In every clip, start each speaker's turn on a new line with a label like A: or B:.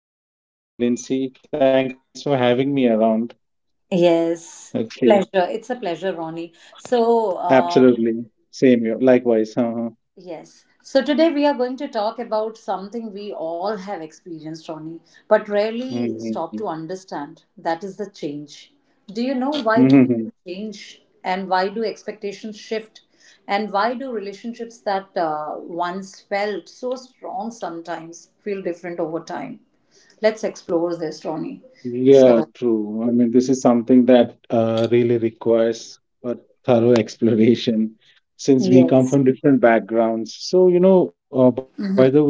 A: Okay, I'm doing great, Lindsay. Thanks for having me around.
B: Yes,
A: Okay,
B: pleasure. It's a pleasure, Ronnie.
A: absolutely. Same here. Likewise. Uh-huh.
B: Yes. So, today we are going to talk about something we all have experienced, Ronnie, but rarely stop
A: hmm
B: to understand. That is the change. Do you know why do
A: hmm
B: people change and why do expectations shift? And why do relationships that once felt so strong sometimes feel different over time? Let's explore this, Ronnie.
A: Yeah,
B: So,
A: true. I mean, this is something that really requires a thorough exploration since we
B: yes.
A: come from different backgrounds. So, by the way,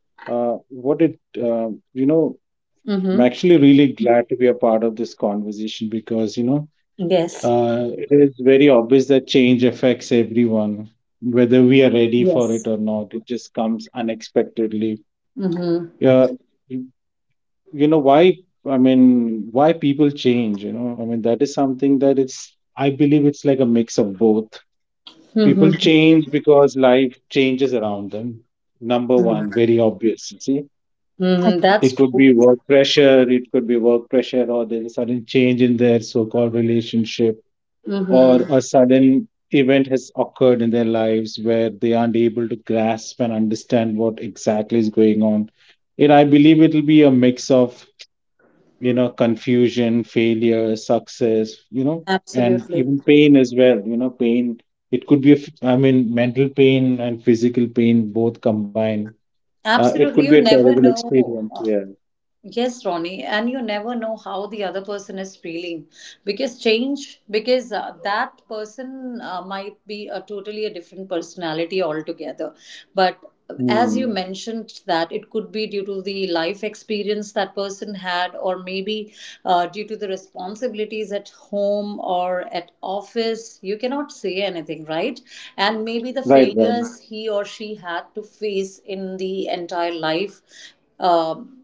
A: what it, you know, I'm
B: Mm-hmm.
A: actually really glad to be a part of this conversation because,
B: Yes.
A: It is very obvious that change affects everyone, whether we are ready for it
B: Yes.
A: or not. It just comes unexpectedly.
B: Mm-hmm.
A: Yeah, you you know why? I mean, why people change? You know, I mean that is something that it's. I believe it's like a mix of both. People
B: Mm-hmm.
A: change because life changes around them. Number one, very obvious. You See,
B: Mm-hmm. That's
A: it could
B: true.
A: be work pressure. It could be work pressure, or there's a sudden change in their so-called relationship or
B: Mm-hmm.
A: a sudden event has occurred in their lives where they aren't able to grasp and understand what exactly is going on. And I believe it'll be a mix of, you know, confusion, failure, success, you know, and
B: Absolutely.
A: even pain as well. You know, pain, it could be, I mean, mental pain and physical pain both combined. It could
B: Absolutely.
A: be
B: You
A: a
B: never
A: terrible
B: know.
A: experience. Yeah.
B: Yes, Ronnie, and you never know how the other person is feeling because change, because that person might be a totally a different personality altogether. But as you
A: Hmm.
B: mentioned, that it could be due to the life experience that person had, or maybe due to the responsibilities at home or at office. You cannot say anything, right? And maybe the
A: Right, right.
B: failures he or she had to face in the entire life. Um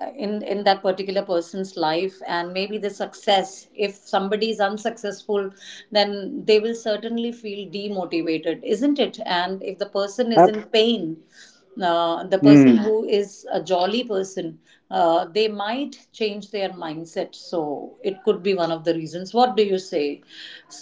B: in that particular person's life, and maybe the success. If somebody is unsuccessful, then they will certainly feel demotivated, isn't it? And if the person is in pain, the person
A: Ab-
B: who is a jolly person, they might change their mindset. So it could be one of the reasons. What do you say?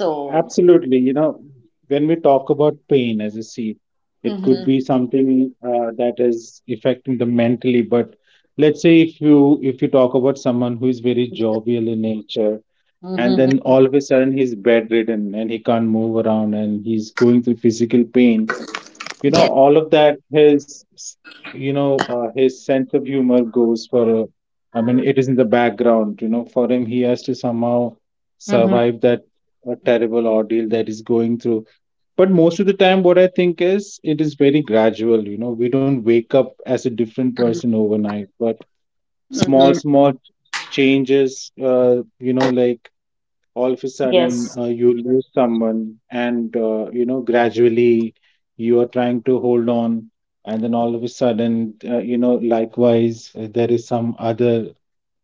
B: So
A: Absolutely. You know, when we talk about pain as you see, it could
B: mm-hmm.
A: be something that is affecting them mentally. But let's say if you talk about someone who is very jovial in nature, and
B: Mm-hmm.
A: then
B: Mm-hmm.
A: all of a sudden he's bedridden and he can't move around and he's going through physical pain, you know,
B: Yes.
A: all of that, his his sense of humor goes for a, I mean it is in the background. You know, for him he has to somehow
B: Mm-hmm.
A: survive that terrible ordeal that he's going through. But most of the time what I think is it is very gradual. You know, we don't wake up as a different
B: Mm-hmm.
A: person overnight, but small
B: Mm-hmm.
A: small changes, uh, you know, like all of a sudden
B: Yes,
A: you lose someone, and you know, gradually you are trying to hold on, and then all of a sudden, you know, likewise there is some other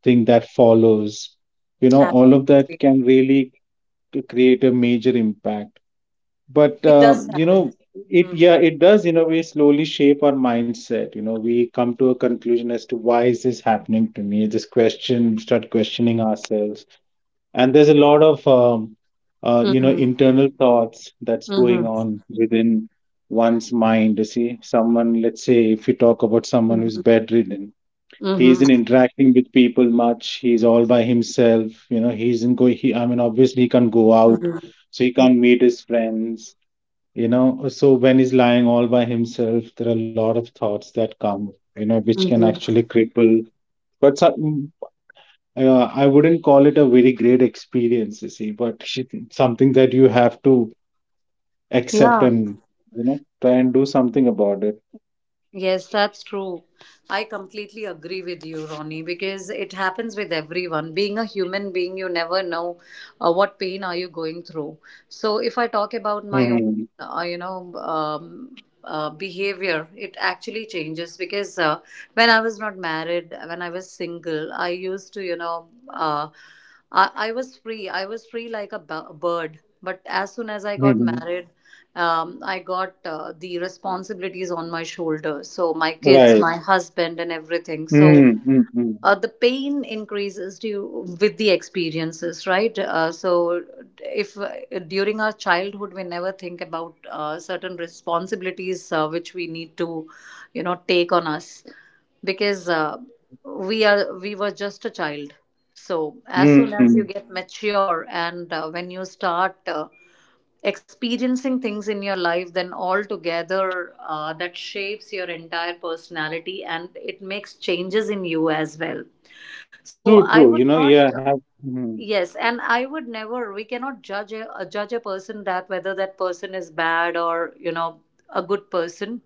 A: thing that follows. You know, all of that
B: absolutely.
A: can really create a major impact. But
B: It does
A: you
B: happen.
A: know, it yeah
B: Mm-hmm.
A: it does in a way slowly shape our mindset. You know, we come to a conclusion as to why is this happening to me. This question, start questioning ourselves. And there's a lot of you know,
B: Mm-hmm.
A: internal thoughts that's going
B: Mm-hmm.
A: on within one's mind. You see, someone, let's say if you talk about someone who's
B: Mm-hmm.
A: bedridden, he isn't
B: Mm-hmm.
A: interacting with people much, he's all by himself. You know, he isn't going he I mean obviously he can't go out,
B: Mm-hmm.
A: so he can't meet his friends. You know, so when he's lying all by himself, there are a lot of thoughts that come, you know, which can
B: Mm-hmm.
A: actually cripple. But so, I wouldn't call it a very great experience, you see, but something that you have to accept
B: Yeah.
A: and, you know, try and do something about it.
B: Yes, that's true. I completely agree with you, Ronnie, because it happens with everyone. Being a human being, you never know what pain are you going through. So if I talk about
A: Mm-hmm.
B: my own, uh, you know, um, behavior, it actually changes because when I was not married, when I was single, I used to, you know, I was free. I was free like a bird. But as soon as I got
A: Hmm.
B: married, I got the responsibilities on my shoulders. So my kids,
A: Right.
B: my husband, and everything. So
A: Mm-hmm. Mm.
B: the pain increases due with the experiences, right? So if during our childhood we never think about certain responsibilities which we need to, you know, take on us because we were just a child. So as soon
A: Mm,
B: as
A: mm.
B: you get mature and when you start experiencing things in your life, then all together that shapes your entire personality and it makes changes in you as well. So
A: True,
B: I
A: true.
B: would
A: You know,
B: not—
A: yeah, have, mm,
B: yes, and I would never— we cannot judge a person that whether that person is bad or, you know, a good person.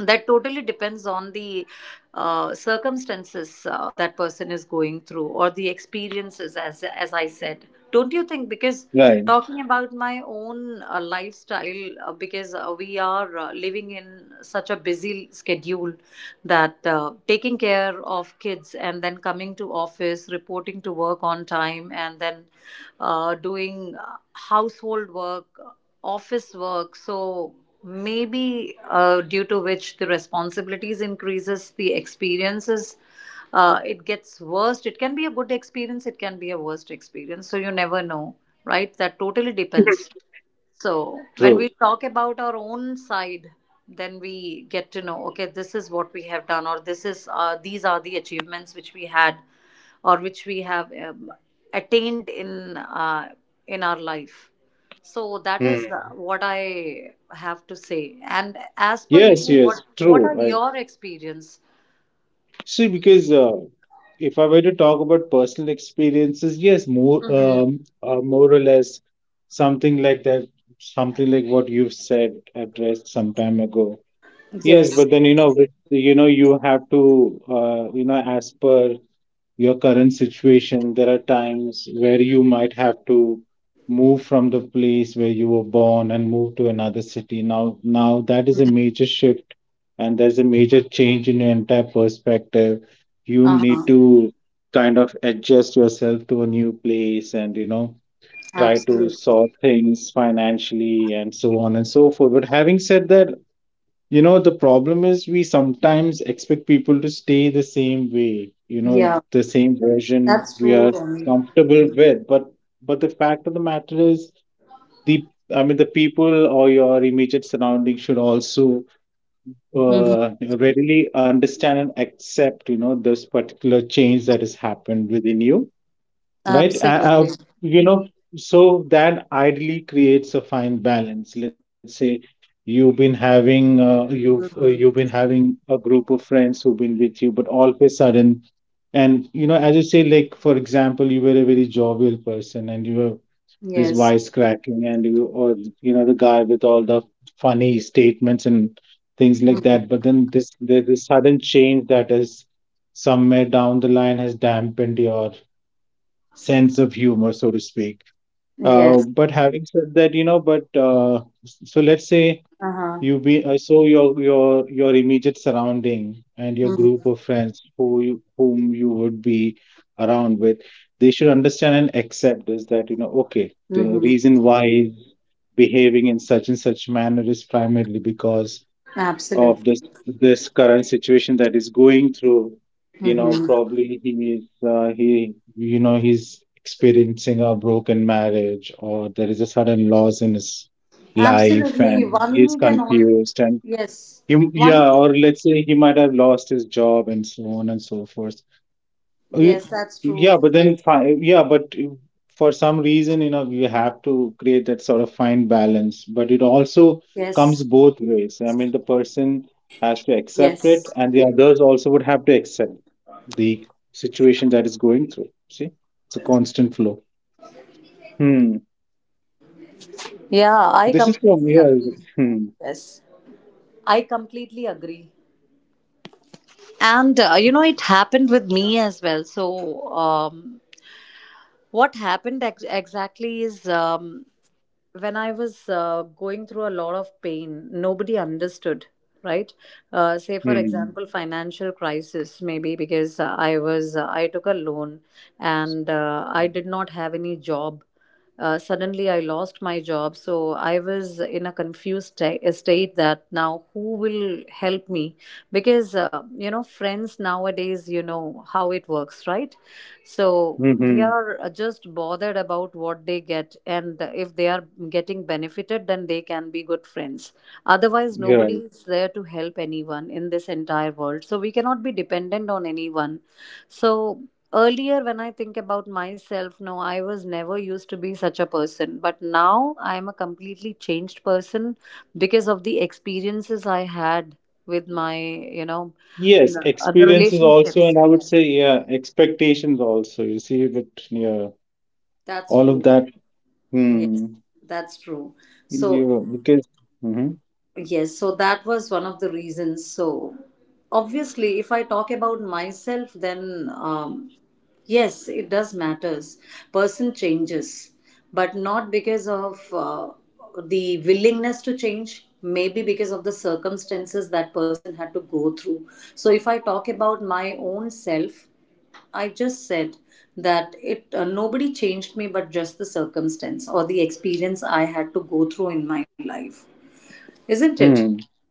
B: That totally depends on the circumstances that person is going through or the experiences, as I said. Don't you think? Because
A: right,
B: talking about my own lifestyle, because we are living in such a busy schedule, that taking care of kids and then coming to office, reporting to work on time, and then doing household work, office work. So maybe due to which the responsibilities increases, the experiences, it gets worse. It can be a good experience, it can be a worst experience, so you never know, right? That totally depends. So
A: true.
B: when we talk about our own side, then we get to know, okay, this is what we have done, or this is these are the achievements which we had, or which we have, attained in our life. So that is
A: Mm.
B: what I have to say. And as per you,
A: Yes,
B: what
A: yes,
B: what
A: true.
B: are
A: Right.
B: your experience?
A: See, because if I were to talk about personal experiences, yes, more or less something like that, something like what you've said addressed some time ago. Yes, but then, you know, with, you know, you have to, you know, as per your current situation, there are times where you might have to move from the place where you were born and move to another city. Now that is a major shift and there's a major change in your entire perspective. You
B: Uh
A: need
B: huh.
A: to kind of adjust yourself to a new place and, you know, try to
B: Absolutely.
A: sort things financially and so on and so forth. But having said that, you know, the problem is we sometimes expect people to stay the same way, you know,
B: Yeah,
A: the same version
B: that's
A: we
B: true,
A: are
B: Romy.
A: comfortable with. But the fact of the matter is the I mean the people or your immediate surrounding should also
B: Mm-hmm.
A: readily understand and accept, you know, this particular change that has happened within you. Right.
B: Absolutely.
A: You know, so that ideally creates a fine balance. Let's say you've
B: Mm-hmm.
A: been having a group of friends who've been with you, but all of a sudden, and you know, as you say, like for example, you were a very jovial person and you were this
B: Yes.
A: wisecracking and you or, you know, the guy with all the funny statements and things like that,
B: Mm-hmm.
A: but then this there's this sudden change that is somewhere down the line has dampened your sense of humor, so to speak.
B: Yes.
A: But having said that, you know, but so let's say
B: Uh-huh.
A: you be so your immediate surrounding and your group
B: Hmm.
A: of friends who whom you would be around with, they should understand and accept this, that, you know, okay, the
B: Hmm.
A: reason why he's behaving in such and such manner is primarily because of
B: Absolutely.
A: this current situation that is going through. You know,
B: Hmm.
A: probably he is he you know he's experiencing a broken marriage or there is a sudden loss in his life
B: Absolutely.
A: and he's
B: One can all—
A: confused and
B: yes. One—
A: yeah, or let's say he might have lost his job and so on and so forth. uh, Y-
B: yes, that's
A: Yeah,
B: true.
A: but
B: Yes.
A: then fine. Yeah, but for some reason, you know, you have to create that sort of fine balance. But it also comes
B: Yes.
A: both ways. I mean, the person has to accept it,
B: Yes.
A: and the others also would have to accept the situation that is going through. See, it's a constant flow. Hmm.
B: Yeah, I
A: This is from
B: completely
A: here.
B: agree.
A: Hmm.
B: Yes. I completely agree. And you know, it happened with me as well. So what happened exactly is, when I was going through a lot of pain, nobody understood, right? Say, for
A: Hmm.
B: example, financial crisis, maybe because I took a loan and I did not have any job. Suddenly, I lost my job, so I was in a confused state. That now, who will help me? Because you know, friends nowadays, you know how it works, right? So they
A: Hmm.
B: are just bothered about what they get, and if they are getting benefited, then they can be good friends. Otherwise,
A: Yeah.
B: nobody is there to help anyone in this entire world. So we cannot be dependent on anyone. So earlier, when I think about myself, no, I was never used to be such a person, but now I am a completely changed person because of the experiences I had with my, you know,
A: Yes,
B: n- other
A: experiences also,
B: relationships.
A: and I would
B: Yes,
A: say, yeah, expectations also. You see, but yeah,
B: that's
A: all of
B: true.
A: that.
B: Yes,
A: Hmm.
B: that's true. So
A: You, because. hmm
B: yes, so that was one of the reasons. So obviously, if I talk about myself, then, yes, it does matters. Person changes, but not because of the willingness to change. Maybe because of the circumstances that person had to go through. So if I talk about my own self, I just said that it nobody changed me but just the circumstance or the experience I had to go through in my life. Isn't it?
A: hmm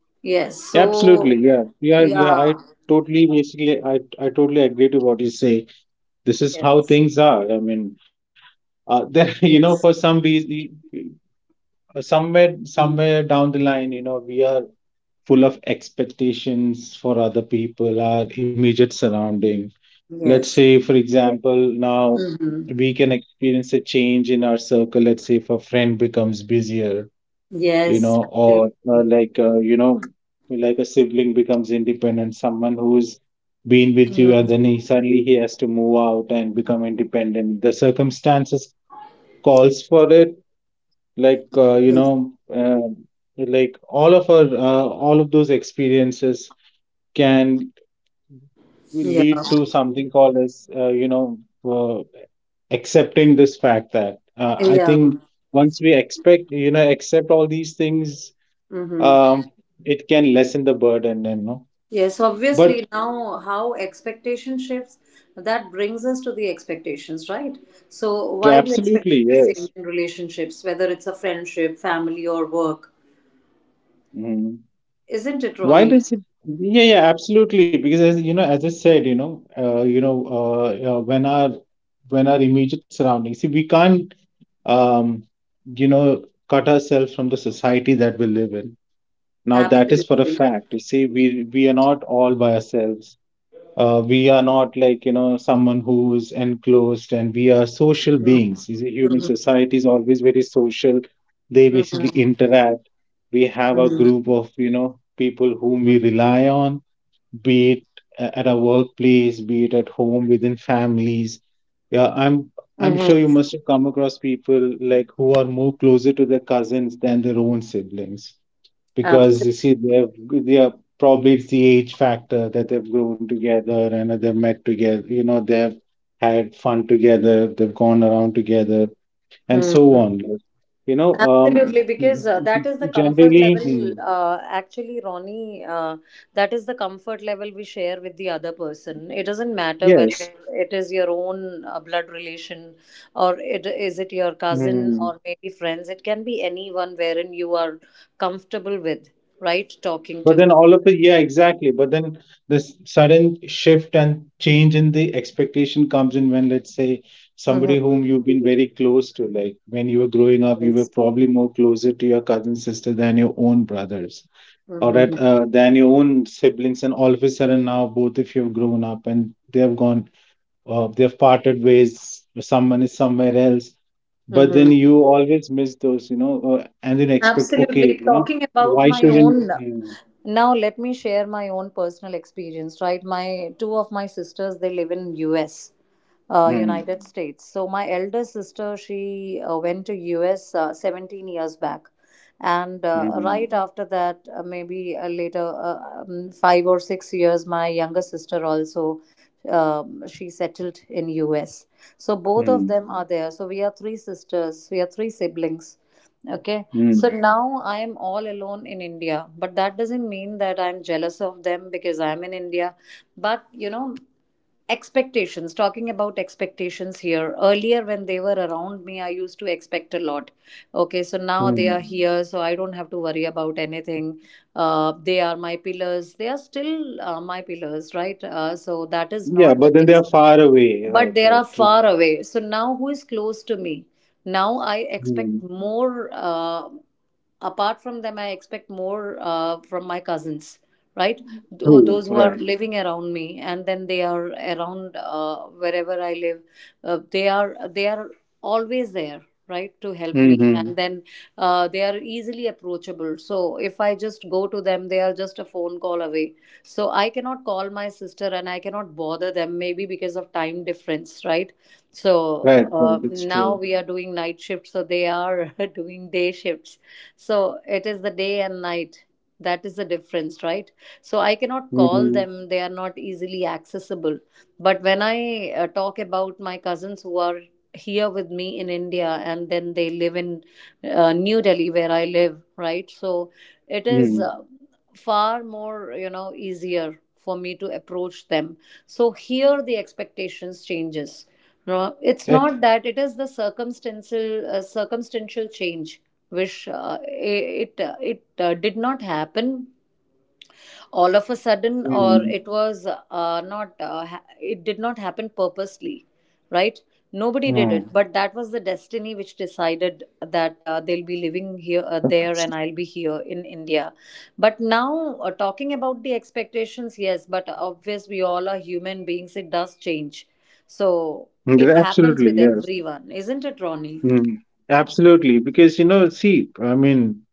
B: Yes.
A: Absolutely,
B: So
A: yeah, yeah, yeah.
B: yeah.
A: I totally, basically, I totally agree to what you say. This is how
B: Yes.
A: things are. I mean, there, you know, for
B: Yes.
A: some reason,
B: Mm.
A: somewhere down the line, you know, we are full of expectations for other people, our immediate surrounding. Let's
B: Yes.
A: say, for example, now
B: Mm-hmm.
A: we can experience a change in our circle. Let's say if a friend becomes busier, you
B: Yes.
A: know, or
B: Absolutely.
A: you know, like a sibling becomes independent, someone who's been with you and then he suddenly he has to move out and become independent. The circumstances calls for it, like, like all of those experiences can
B: Yeah.
A: lead to something called as, you know, uh, accepting this fact that I
B: Yeah.
A: think once we expect you know accept all these things,
B: Mm-hmm.
A: um, it can lessen the burden. And no,
B: Yes,
A: but
B: obviously, now how expectation shifts, that brings us to the expectations, right? So why do
A: absolutely,
B: expectations change
A: yes.
B: in relationships, whether it's a friendship, family, or work?
A: Mhm.
B: Isn't it,
A: Why
B: Ronnie?
A: does it? Yeah, yeah, absolutely, because as you know, as I said, you know, when our, immediate surroundings, see, we can't, um you know, cut ourselves from the society that we live in. Now that is for a
B: Absolutely.
A: fact. You see, we are not all by ourselves. We are not like, you know, someone who is enclosed, and we are social beings. You see, human society is always very social. They basically
B: Mm-hmm.
A: interact. We have a
B: Mm-hmm.
A: group of, you know, people whom we rely on, be it at our workplace, be it at home within families. Yeah, I'm sure you
B: Mm-hmm.
A: must have come across people like who are more closer to their cousins than their own siblings, because you
B: Absolutely.
A: see they are probably, it's the age factor that they've grown together and they've met together, you know, they've had fun together, they've gone around together, and so
B: Mm-hmm.
A: on. You know,
B: Absolutely, because that is the comfort
A: generally.
B: level.
A: Mm,
B: Actually, Ronnie, that is the comfort level we share with the other person. It doesn't matter whether— yeah,
A: yes.
B: it is your own blood relation, or it is it your cousin,
A: Hmm.
B: or maybe friends. It can be anyone wherein you are comfortable with, right? Talking
A: But then
B: to.
A: all of it, yeah, exactly. But then this sudden shift and change in the expectation comes in when, let's say,
B: Mm-hmm.
A: somebody whom you've been very close to, like when you were growing up, you were
B: Yes.
A: probably more closer to your cousin sister than your own brothers, or than your own siblings. And all of a sudden now both of you have grown up and they have gone, they have parted ways. Someone is somewhere else. But then
B: Mm-hmm.
A: you always miss those, you know, and then expect, okay,
B: Absolutely.
A: you know,
B: Talking about
A: why
B: my
A: shouldn't.
B: own,
A: Mm,
B: now let me share my own personal experience, right? My two of my sisters, they live in US,
A: mm.
B: United States. So my elder sister, she went to US 17 years back. And
A: Hmm.
B: right after that, 5 or 6 years, my younger sister also, she settled in US. So both of
A: Hmm.
B: them are there. So we are three sisters, we are three siblings. Okay, so
A: Hmm.
B: now I am all alone in India, but that doesn't mean that I'm jealous of them because I'm in India. But you know, expectations, talking about expectations here, earlier when they were around me, I used to expect a lot. Okay, so now they
A: Hmm.
B: are here, so I don't have to worry about anything. They are my pillars, they are still my pillars, right? So that is
A: Yeah,
B: not the
A: but then they
B: case,
A: are far away.
B: but
A: Right,
B: they
A: right,
B: are
A: true.
B: far away. So now who is close to me? Now I
A: Hmm.
B: expect more, apart from them I expect more from my cousins, right?
A: True,
B: Those who are
A: right.
B: living around me and then they are around wherever I live, they are always there, right, to help me,
A: Mm-hmm.
B: and then they are easily approachable. So if I just go to them, they are just a phone call away. So I cannot call my sister and I cannot bother them maybe because of time difference, right? So
A: Right,
B: uh,
A: right, it's
B: now
A: true.
B: we are doing night shifts, so they are doing day shifts. So it is the day and night. That is the difference, right? So I cannot call
A: Mm-hmm.
B: them. They are not easily accessible. But when I talk about my cousins who are here with me in India and then they live in New Delhi, where I live, right? So it is
A: Mm.
B: far more, you know, easier for me to approach them. So here the expectations changes. No, it's
A: Eh,
B: not that. It is the circumstantial, circumstantial change. Wish it did not happen all of a sudden, or
A: mm.
B: it was not it did not happen purposely, right? Nobody did it,
A: Mm.
B: but that was the destiny which decided that they'll be living here there and I'll be here in India. But now talking about the expectations, yes, but obvious, we all are human beings, it does change. So
A: Mm, yeah,
B: it
A: absolutely,
B: happens with
A: yes.
B: everyone, isn't it, Ronnie?
A: Mm. Absolutely, because you know, see,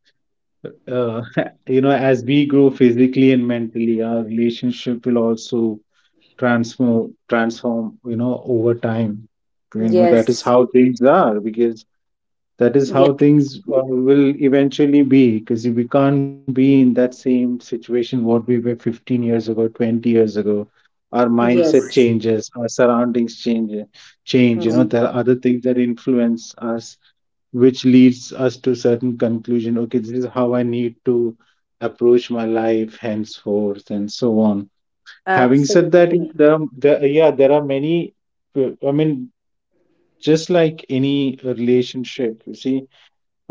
A: uh, you know, as we grow physically and mentally, our relationship will also transform, you know, over time. You know, that
B: Yes.
A: is how things are because. That is
B: Yes.
A: how things will eventually be because we can't be in that same situation what we were 15 years ago, 20 years ago. Our mindset
B: Yes.
A: changes, our surroundings change, change. You know, there are other things that influence us, which leads us to certain conclusion. Okay, this is how I need to approach my life henceforth, and so on. Having said that, you
B: Absolutely.
A: know, there, are- there, yeah, there are many. uh, I mean, just like any relationship, you see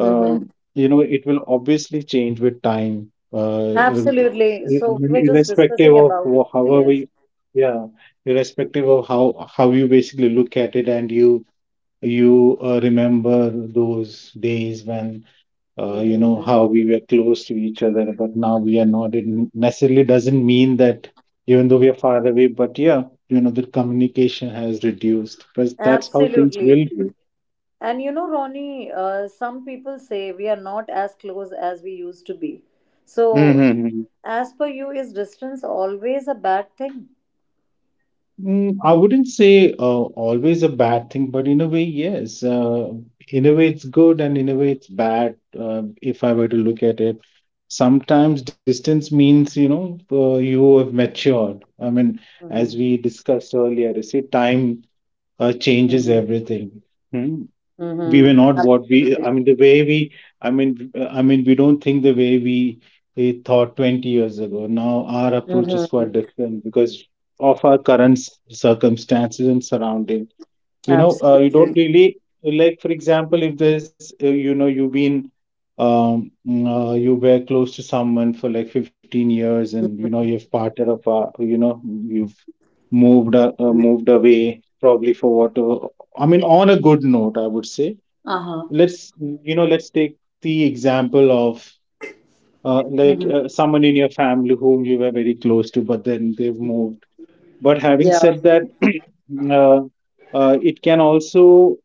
B: Mm-hmm.
A: you know, it will obviously change with time.
B: Absolutely.
A: I
B: So
A: mean,
B: we were just
A: irrespective
B: discussing
A: of
B: about—
A: wha- however
B: yes.
A: you, yeah, Irrespective of how you basically look at it, and you remember those days when you
B: Mm-hmm.
A: know how we were close to each other, but now we are not. It necessarily doesn't mean that even though we are far away, but yeah, you know, the communication has reduced because that's how things
B: Absolutely.
A: will
B: And you know, Ronnie, some people say we are not as close as we used to be. So
A: be.
B: as per you, is distance always a bad thing?
A: Mm, I wouldn't say always a bad thing, but in a way, yes. In a way, it's good, and in a way, it's bad. If I were to look at it, sometimes distance means, you know, you have matured. I mean, as
B: Mm-hmm.
A: we discussed earlier, you see, time changes
B: Mm-hmm.
A: everything. Hmm? We were
B: Mm-hmm.
A: not what we
B: Absolutely.
A: I mean the way we I mean I mean we don't think the way we thought 20 years ago. Now our approach is quite
B: Mm-hmm.
A: different because of our current circumstances and surrounding. You know uh, you don't
B: Absolutely.
A: really, like, for example, if there's you know, you've been you were close to someone for like 15 years, and you know, you've parted apart, you know, you've
B: Mm-hmm.
A: moved away probably for what. I mean, on a good note, I would say
B: Uh-huh.
A: let's, you know, let's take the example of
B: Mm-hmm.
A: someone in your family whom you were very close to, but then they've moved. But having
B: Yeah.
A: said that, uh, it can also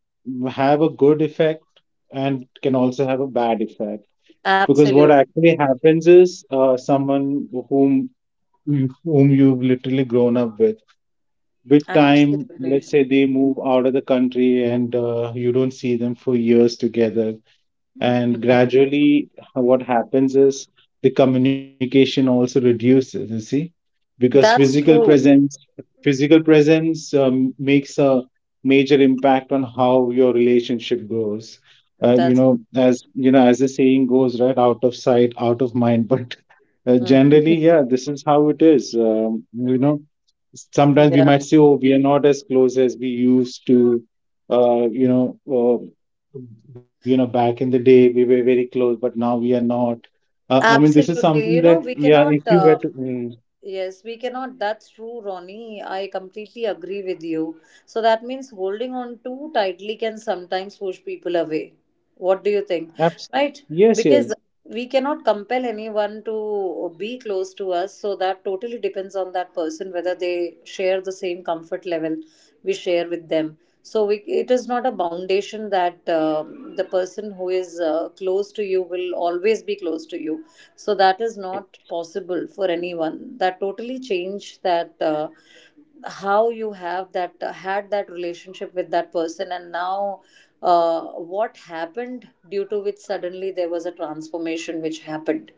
A: have a good effect and can also have a bad effect because
B: Absolutely.
A: what actually happens is, someone whom you've literally grown up with time,
B: Absolutely.
A: let's say, they move out of the country and you don't see them for years together, and gradually, what happens is the communication also reduces, you see, because
B: That's
A: physical
B: true.
A: presence, physical presence makes a major impact on how your relationship goes. You
B: That's.
A: know, as you know, as the saying goes, right, out of sight, out of mind. But generally,
B: Mhm.
A: yeah, this is how it is. You know, sometimes we
B: Yeah,
A: might say, oh, we are not as close as we used to. uh, you know uh, you know, back in the day we were very close, but now we are not. I mean, this is
B: absolutely. You
A: something
B: know,
A: that,
B: we
A: yeah,
B: cannot,
A: if you were to
B: yes, we cannot. That's true, Ronnie. I completely agree with you. So that means holding on too tightly can sometimes push people away. What do you think?
A: Abs-
B: Right?
A: yes,
B: Because
A: yes.
B: we cannot compel anyone to be close to us. So that totally depends on that person whether they share the same comfort level we share with them. So we, it is not a foundation that the person who is close to you will always be close to you, so that is not possible for anyone. That totally changed that, how you have that, had that relationship with that person, and now what happened due to which suddenly there was a transformation which happened,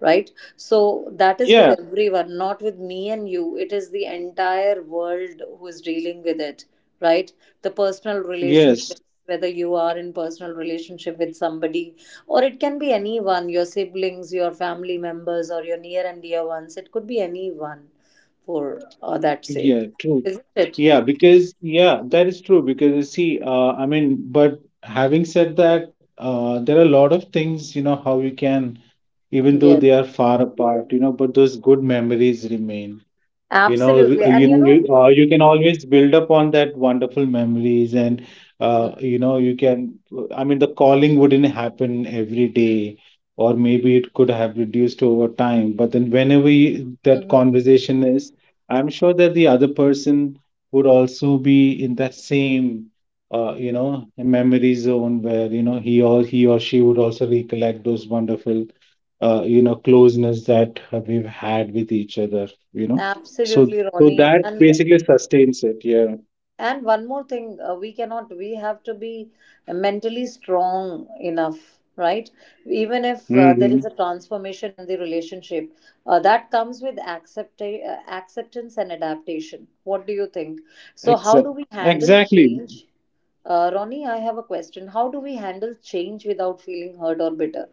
B: right? So that is
A: Yeah,
B: with everyone, not with me and you. It is the entire world who is dealing with it, right? The personal
A: yes.
B: relationships, whether you are in personal relationship with somebody or it can be anyone, your siblings, your family members, or your near and dear ones, it could be anyone for that sake,
A: Yeah, true.
B: isn't it?
A: Yeah, because, yeah, that is true. Because you see, but having said that, there are a lot of things, you know, how we can, even though
B: Yes,
A: they are far apart, you know, but those good memories remain. You know,
B: absolutely. And
A: you
B: you
A: know,
B: know,
A: you can always build upon that wonderful memories, and you know, you can. I mean, the calling wouldn't happen every day, or maybe it could have reduced over time. But then, whenever you, that
B: mm-hmm,
A: conversation is, I'm sure that the other person would also be in that same, you know, memory zone where you know, he or she would also recollect those wonderful you know, closeness that we've had with each other, you know. So,
B: absolutely,
A: so
B: Ronnie.
A: that
B: And
A: basically sustains it. Yeah.
B: and one more thing, we cannot. We have to be mentally strong enough, right? Even if there is a
A: Mm-hmm.
B: transformation in the relationship, that comes with acceptance and adaptation. What do you think? So, how do
A: Exactly.
B: we handle
A: Exactly.
B: change? Ronnie, I have a question. How do we handle change without feeling hurt or bitter?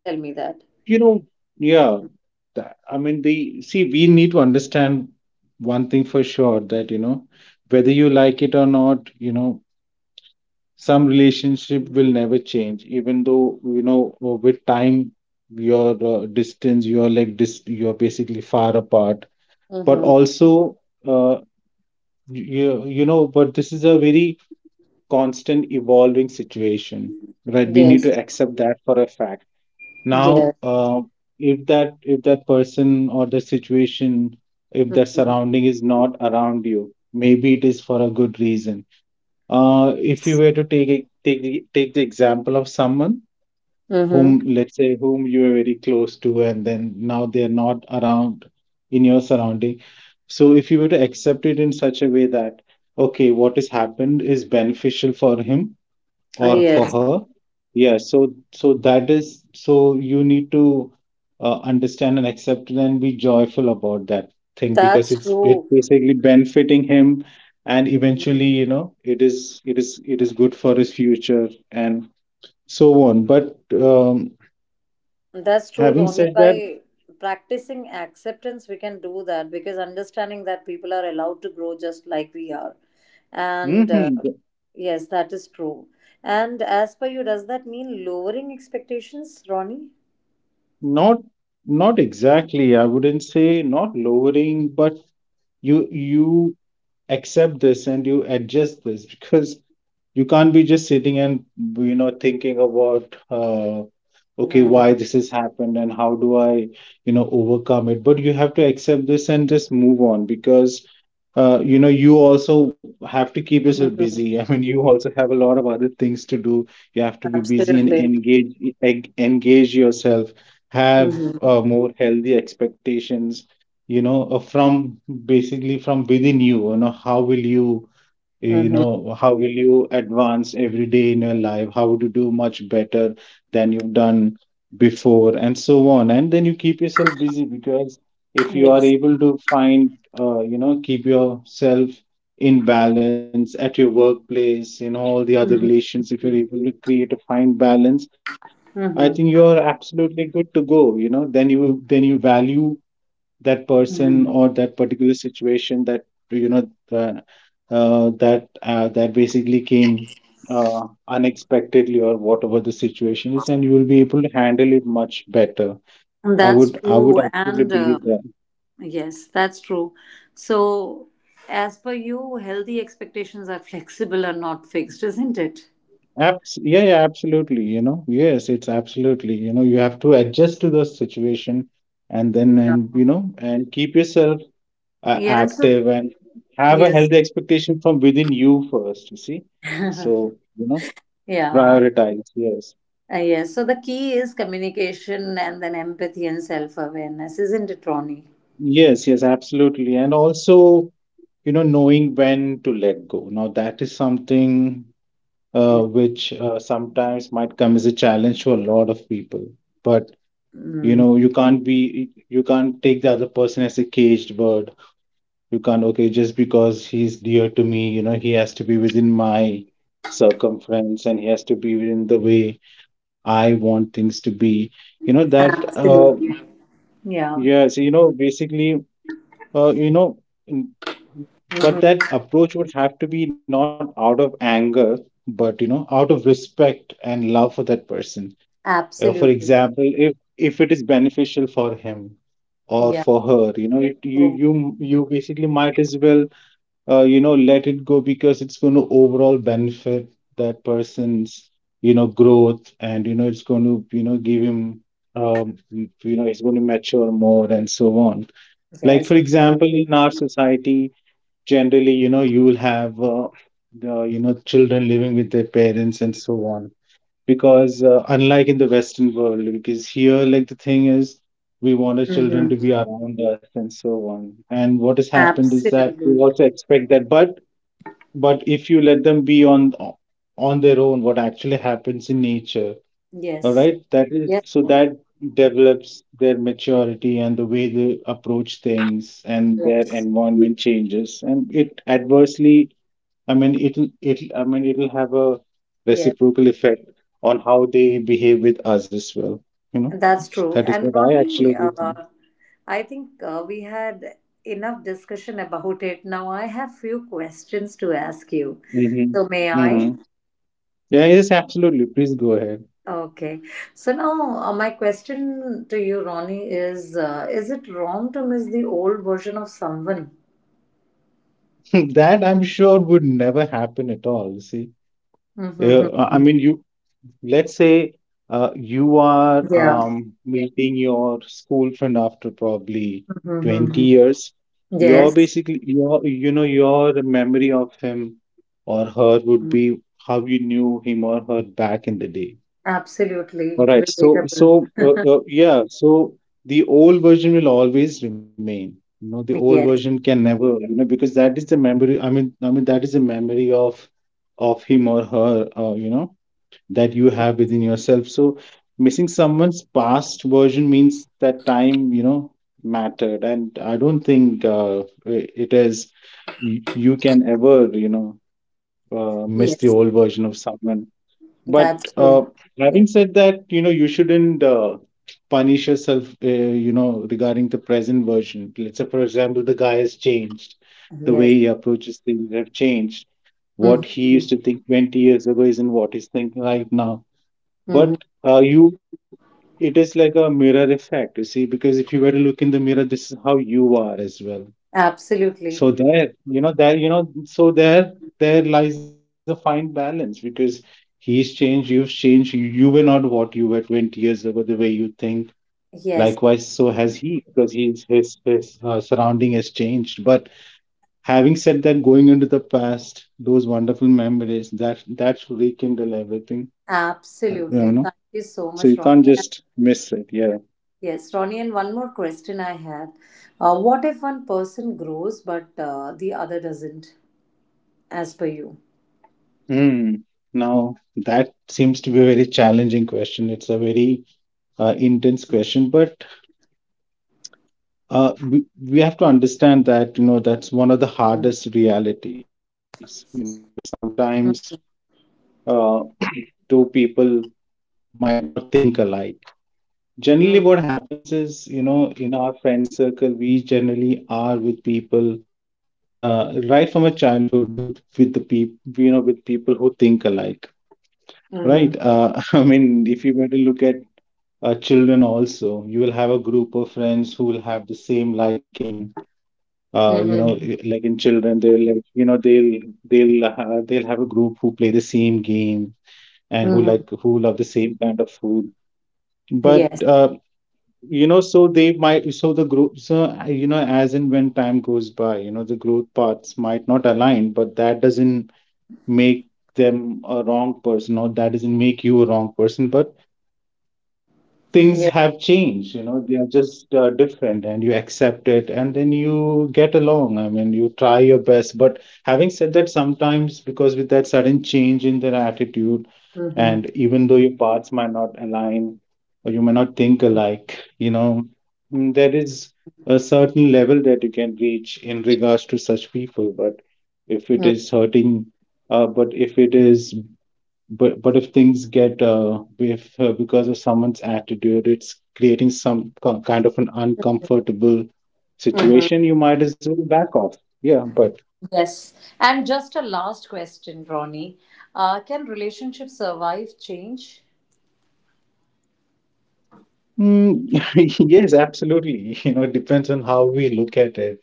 B: Tell me that.
A: You know, yeah. That, I mean, the see, we need to understand one thing for sure that, you know, whether you like it or not, you know, some relationship will never change, even though, you know, with time, your distance, you're you're basically far apart. But
B: Mm-hmm.
A: also, uh, you know, but this is a very constant evolving situation, right? We need to
B: Yes.
A: accept that for a fact. Now,
B: Yes.
A: if that person or the situation, if the
B: Mm-hmm.
A: surrounding is not around you, maybe it is for a good reason. If you were to take the example of someone whom, let's say, whom you are very close to, and then now they're not around in your surrounding. So if you were to accept it in such a way that, okay, what has happened is beneficial for him
B: Ah,
A: or for
B: yes,
A: her. Yeah, so, so that is, so you need to understand and accept it and be joyful about that thing because
B: that's
A: it's
B: true.
A: basically benefiting him, and eventually,
B: Mhm.
A: you know, it is, it is good for his future and so on. But um,
B: That's true,
A: having
B: Ronnie.
A: said that,
B: By practicing acceptance, we can do that, because understanding that people are allowed to grow just like we are. And
A: mhm,
B: Yes, that is true. And as per you, does that mean lowering expectations, Ronnie?
A: not, not exactly, I wouldn't say not lowering, but you accept this and you adjust this because you can't be just sitting and you know thinking about okay, why
B: Mm-hmm.
A: this has happened and how do I, you know, overcome it. But you have to accept this and just move on because you know, you also have to keep yourself
B: Mm-hmm.
A: busy. I mean, you also have a lot of other things to do. You have to be busy and
B: Absolutely.
A: engage, engage yourself, have
B: Mm-hmm.
A: more healthy expectations, you know, from basically from within you, you know, how will you, you
B: Mm-hmm.
A: know, how will you advance every day in your life, how to do much better than you've done before and so on. And then you keep yourself busy because if you are
B: Yes.
A: able to find, you know, keep yourself in balance at your workplace, in all the other
B: Mm-hmm.
A: relations, if you're
B: Mm-hmm.
A: able to create a fine balance, I think you're absolutely good to go. You know, then you, then you value that
B: Mm-hmm.
A: person
B: Mm-hmm.
A: or that particular situation that you know that that basically came unexpectedly or whatever the situation is, and you will be able to handle it much better.
B: That's
A: I
B: true.
A: would absolutely
B: And
A: believe that.
B: Yes, that's true. So, as per you, healthy expectations are flexible and not fixed, isn't it?
A: Abs- yeah, yeah, absolutely. You know, yes, it's absolutely. You know, you have to adjust to the situation, and then,
B: Yeah.
A: and you know, and keep yourself
B: Yes.
A: active and have a
B: Yes.
A: healthy expectation from within you first. You see, so you know.
B: Yeah.
A: Prioritize, yes.
B: Yes. So the key is communication and then empathy and self awareness, isn't it, Ronnie?
A: Yes, yes, absolutely. And also, you know, knowing when to let go. Now, that is something which sometimes might come as a challenge to a lot of people. But, you
B: Mm,
A: know, you can't be, you can't take the other person as a caged bird. You can't, okay, just because he's dear to me, you know, he has to be within my circumference and he has to be within the way I want things to be. You know, that,
B: absolutely. Yeah.
A: yes, you know, basically you know, n-
B: Mhm.
A: but that approach would have to be not out of anger, but you know, out of respect and love for that person. For
B: Absolutely.
A: example, if it is beneficial for him or
B: Yeah.
A: for her, you know, it,
B: So,
A: you basically might as well, you know, let it go, because it's going to overall benefit that person's, you know, growth, and you know, it's going to, you know, give him, you know, he's going to mature more and so on. Like,
B: yes.
A: for example, in our society, generally, you know, you will have the, you know, children living with their parents and so on, because unlike in the western world, because here, like, the thing is, we want our children to
B: Mm-hmm.
A: be around us and so on. And what has happened is that we
B: Absolutely.
A: also expect that, but if you let them be on their own, what actually happens in nature, all
B: Yes.
A: right, that is,
B: Yes.
A: so that develops their maturity and the way they approach things and their
B: Yes.
A: environment changes, and it adversely, I mean, it'll have a
B: Yes.
A: reciprocal effect on how they behave with us as well. You know,
B: That's true.
A: that is
B: And
A: what I
B: Ronnie,
A: absolutely
B: uh,
A: think.
B: I think we had enough discussion about it. Now I have few questions to ask you. So may
A: Mm-hmm.
B: I?
A: Mm-hmm. Yeah, yes, absolutely. Please go ahead.
B: Okay. So now my question to you, Ronnie, is: is it wrong to miss the old version of someone?
A: That I'm sure would never happen at all. See, yeah, I
B: Mm-hmm.
A: mean, you let's say you are
B: Yeah.
A: meeting your school friend after probably 20
B: Mm-hmm.
A: years. Your
B: Yes.
A: basically your, your memory of him or her would be how you knew him or her back in the day. All
B: Absolutely
A: right so so
B: relatable.
A: yeah so The old version will always remain. The old version
B: Yes.
A: can never, because that is the memory. I mean that is the memory of him or her, that you have within yourself. So missing someone's past version means that time, mattered. And I don't think it is you can ever, miss the
B: Yes.
A: old version of someone. But
B: That's true. Yes.
A: having said that, you shouldn't punish yourself, regarding the present version. Let's say, for example, the guy has changed, the
B: Yes.
A: way he approaches things have changed. What he
B: Mm-hmm.
A: used to think 20 years ago isn't what he's thinking right now. But you it is like a mirror effect, you see, because if you were to look in the mirror, this is how you are as well. So
B: Absolutely.
A: there you know so there lies a fine balance, because he's changed, you've changed. You were not what you were 20 years ago, the way you think.
B: Yes,
A: Likewise so has he, because he's his surrounding has changed. But having said that, going into the past, those wonderful memories, that should rekindle everything. uh, you
B: absolutely.
A: know
B: Thank you so
A: so
B: much,
A: you can't
B: Ronnie. And
A: just miss it. Yeah.
B: yes, Ronnie, and one more question I had. What if one person grows but the other doesn't, as per you?
A: Mm. Now, that seems to be a very challenging question. It's a very intense question, but we have to understand that, that's one of the
B: Mm.
A: hardest realities. You know, sometimes uh, two people might not think alike. Generally,
B: Mhm.
A: what happens is, in our friend circle, we generally are with people right from a childhood with the people, with people who think alike.
B: Mhm.
A: Right. I mean, if you were to look at children also, you will have a group of friends who will have the same liking.
B: Mhm.
A: Like in children, they'll like, you know, they'll have a group who play the same game and
B: Mhm.
A: who love the same kind of food.
B: Yes.
A: But you know, so they might so the group so you know, as and when time goes by, the growth paths might not align, but that doesn't make them a wrong person, or that doesn't make you a wrong person. But things
B: Yeah.
A: have changed. They are just different, and you accept it and then you get along. I mean, you try your best. But having said that, sometimes, because with that sudden change in their attitude
B: Mhm.
A: and even though your paths might not align or you may not think alike, there is a certain level that you can reach in regards to such people. But if it
B: Mhm.
A: is hurting, but if it is but if things get if because of someone's attitude, it's creating some kind of an uncomfortable
B: Mhm.
A: situation, you might as well back off. Yeah. But
B: Yes. And just a last question, Ronnie. Can relationships survive change?
A: mm, yes, absolutely. You know, it depends on how we look at it.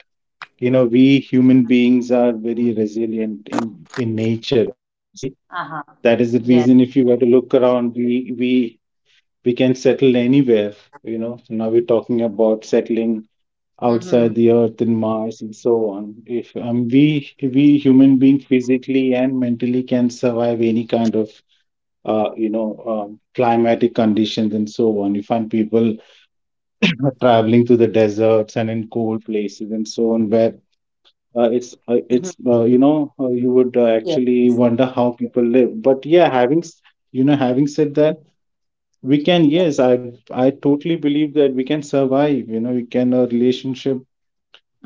A: You know, we human beings are very resilient in nature. See,
B: Uh-huh.
A: that is the reason.
B: Yes.
A: If you were to look around, we we can settle anywhere. You know, so now we're talking about settling
B: Mm-hmm.
A: outside the Earth in Mars and so on. If we human being physically and mentally can survive any kind of climatic conditions and so on. You find people are traveling to the deserts and in cold places and so on where.
B: Mm-hmm.
A: It's you know you would
B: Yeah.
A: actually wonder how people live. But yeah, having s- you know having said that, we can, yes, I totally believe that we can survive. We can a relationship.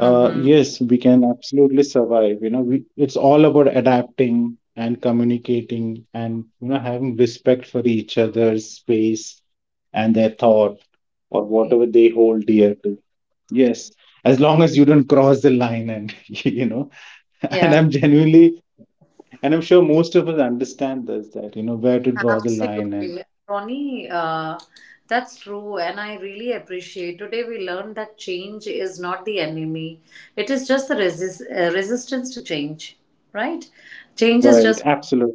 A: Yes, we can absolutely survive. You know, it's all about adapting and communicating and, having respect for each other's space and their thought, or whatever they hold dear to. Yes, as long as you don't cross the line, and,
B: Yeah.
A: and I'm genuinely, and I'm sure most of us understand this, that, where to draw the line, and,
B: Absolutely, Ronnie. That's true, and I really appreciate. Today we learned that change is not the enemy; it is just the resistance to change. Right? Change is
A: right,
B: just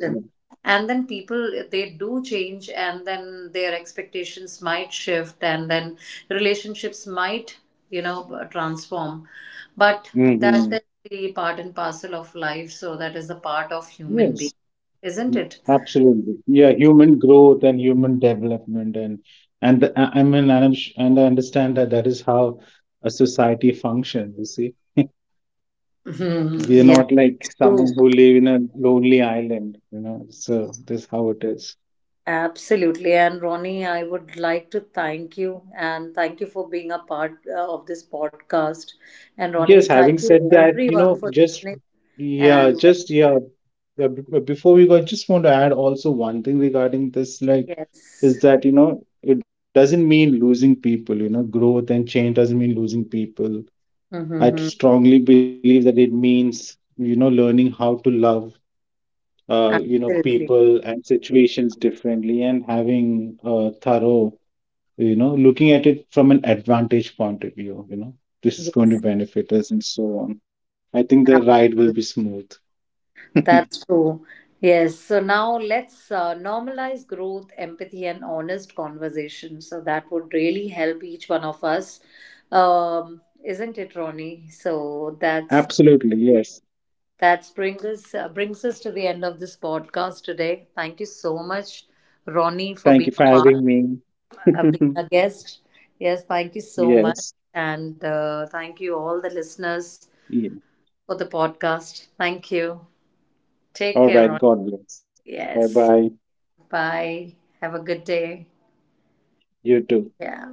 B: resistance, and then people they do change, and then their expectations might shift, and then relationships might, you know, transform. But that
A: Mm-hmm.
B: is the part and parcel of life. So that is the part of human
A: Yes.
B: being, isn't it?
A: Absolutely. Yeah, human growth and human development and the, I mean, and and I understand that that is how a society functions, you see.
B: Hmm,
A: We are
B: yeah,
A: not like
B: true.
A: someone who live in a lonely island, you know. So this is how it is.
B: Absolutely. And Ronnie, I would like to thank you and thank you for being a part of this podcast. And Ronnie,
A: Yes, having
B: thank you
A: said that, you
B: everyone
A: know,
B: for listening. And
A: just yeah, yeah, b- b- before we go, I just want to add also one thing regarding this, like, is
B: yes,
A: that, you know, it doesn't mean losing people. You know, growth and change doesn't mean losing people. I
B: mm-hmm,
A: strongly believe that it means, learning how to love,
B: absolutely.
A: people and situations differently, and having a thorough, looking at it from an advantage point of view, this is
B: Yes,
A: going to benefit us and so on. I think the ride will
B: absolutely.
A: be smooth.
B: That's true. Yes. So now let's normalize growth, empathy, and honest conversation. So that would really help each one of us. Isn't it, Ronnie?
A: Absolutely, yes.
B: That brings us to the end of this podcast today. Thank you so much, Ronnie, for
A: Thank you
B: being a
A: for
B: part,
A: having me.
B: being a guest. Yes, thank you so much,
A: Yes.
B: and thank you all the listeners
A: Yeah.
B: for the podcast. Thank you. Take
A: All
B: care,
A: right.
B: Ronnie.
A: God bless. Bye bye.
B: Yes. Bye. Have a good day.
A: You too.
B: Yeah.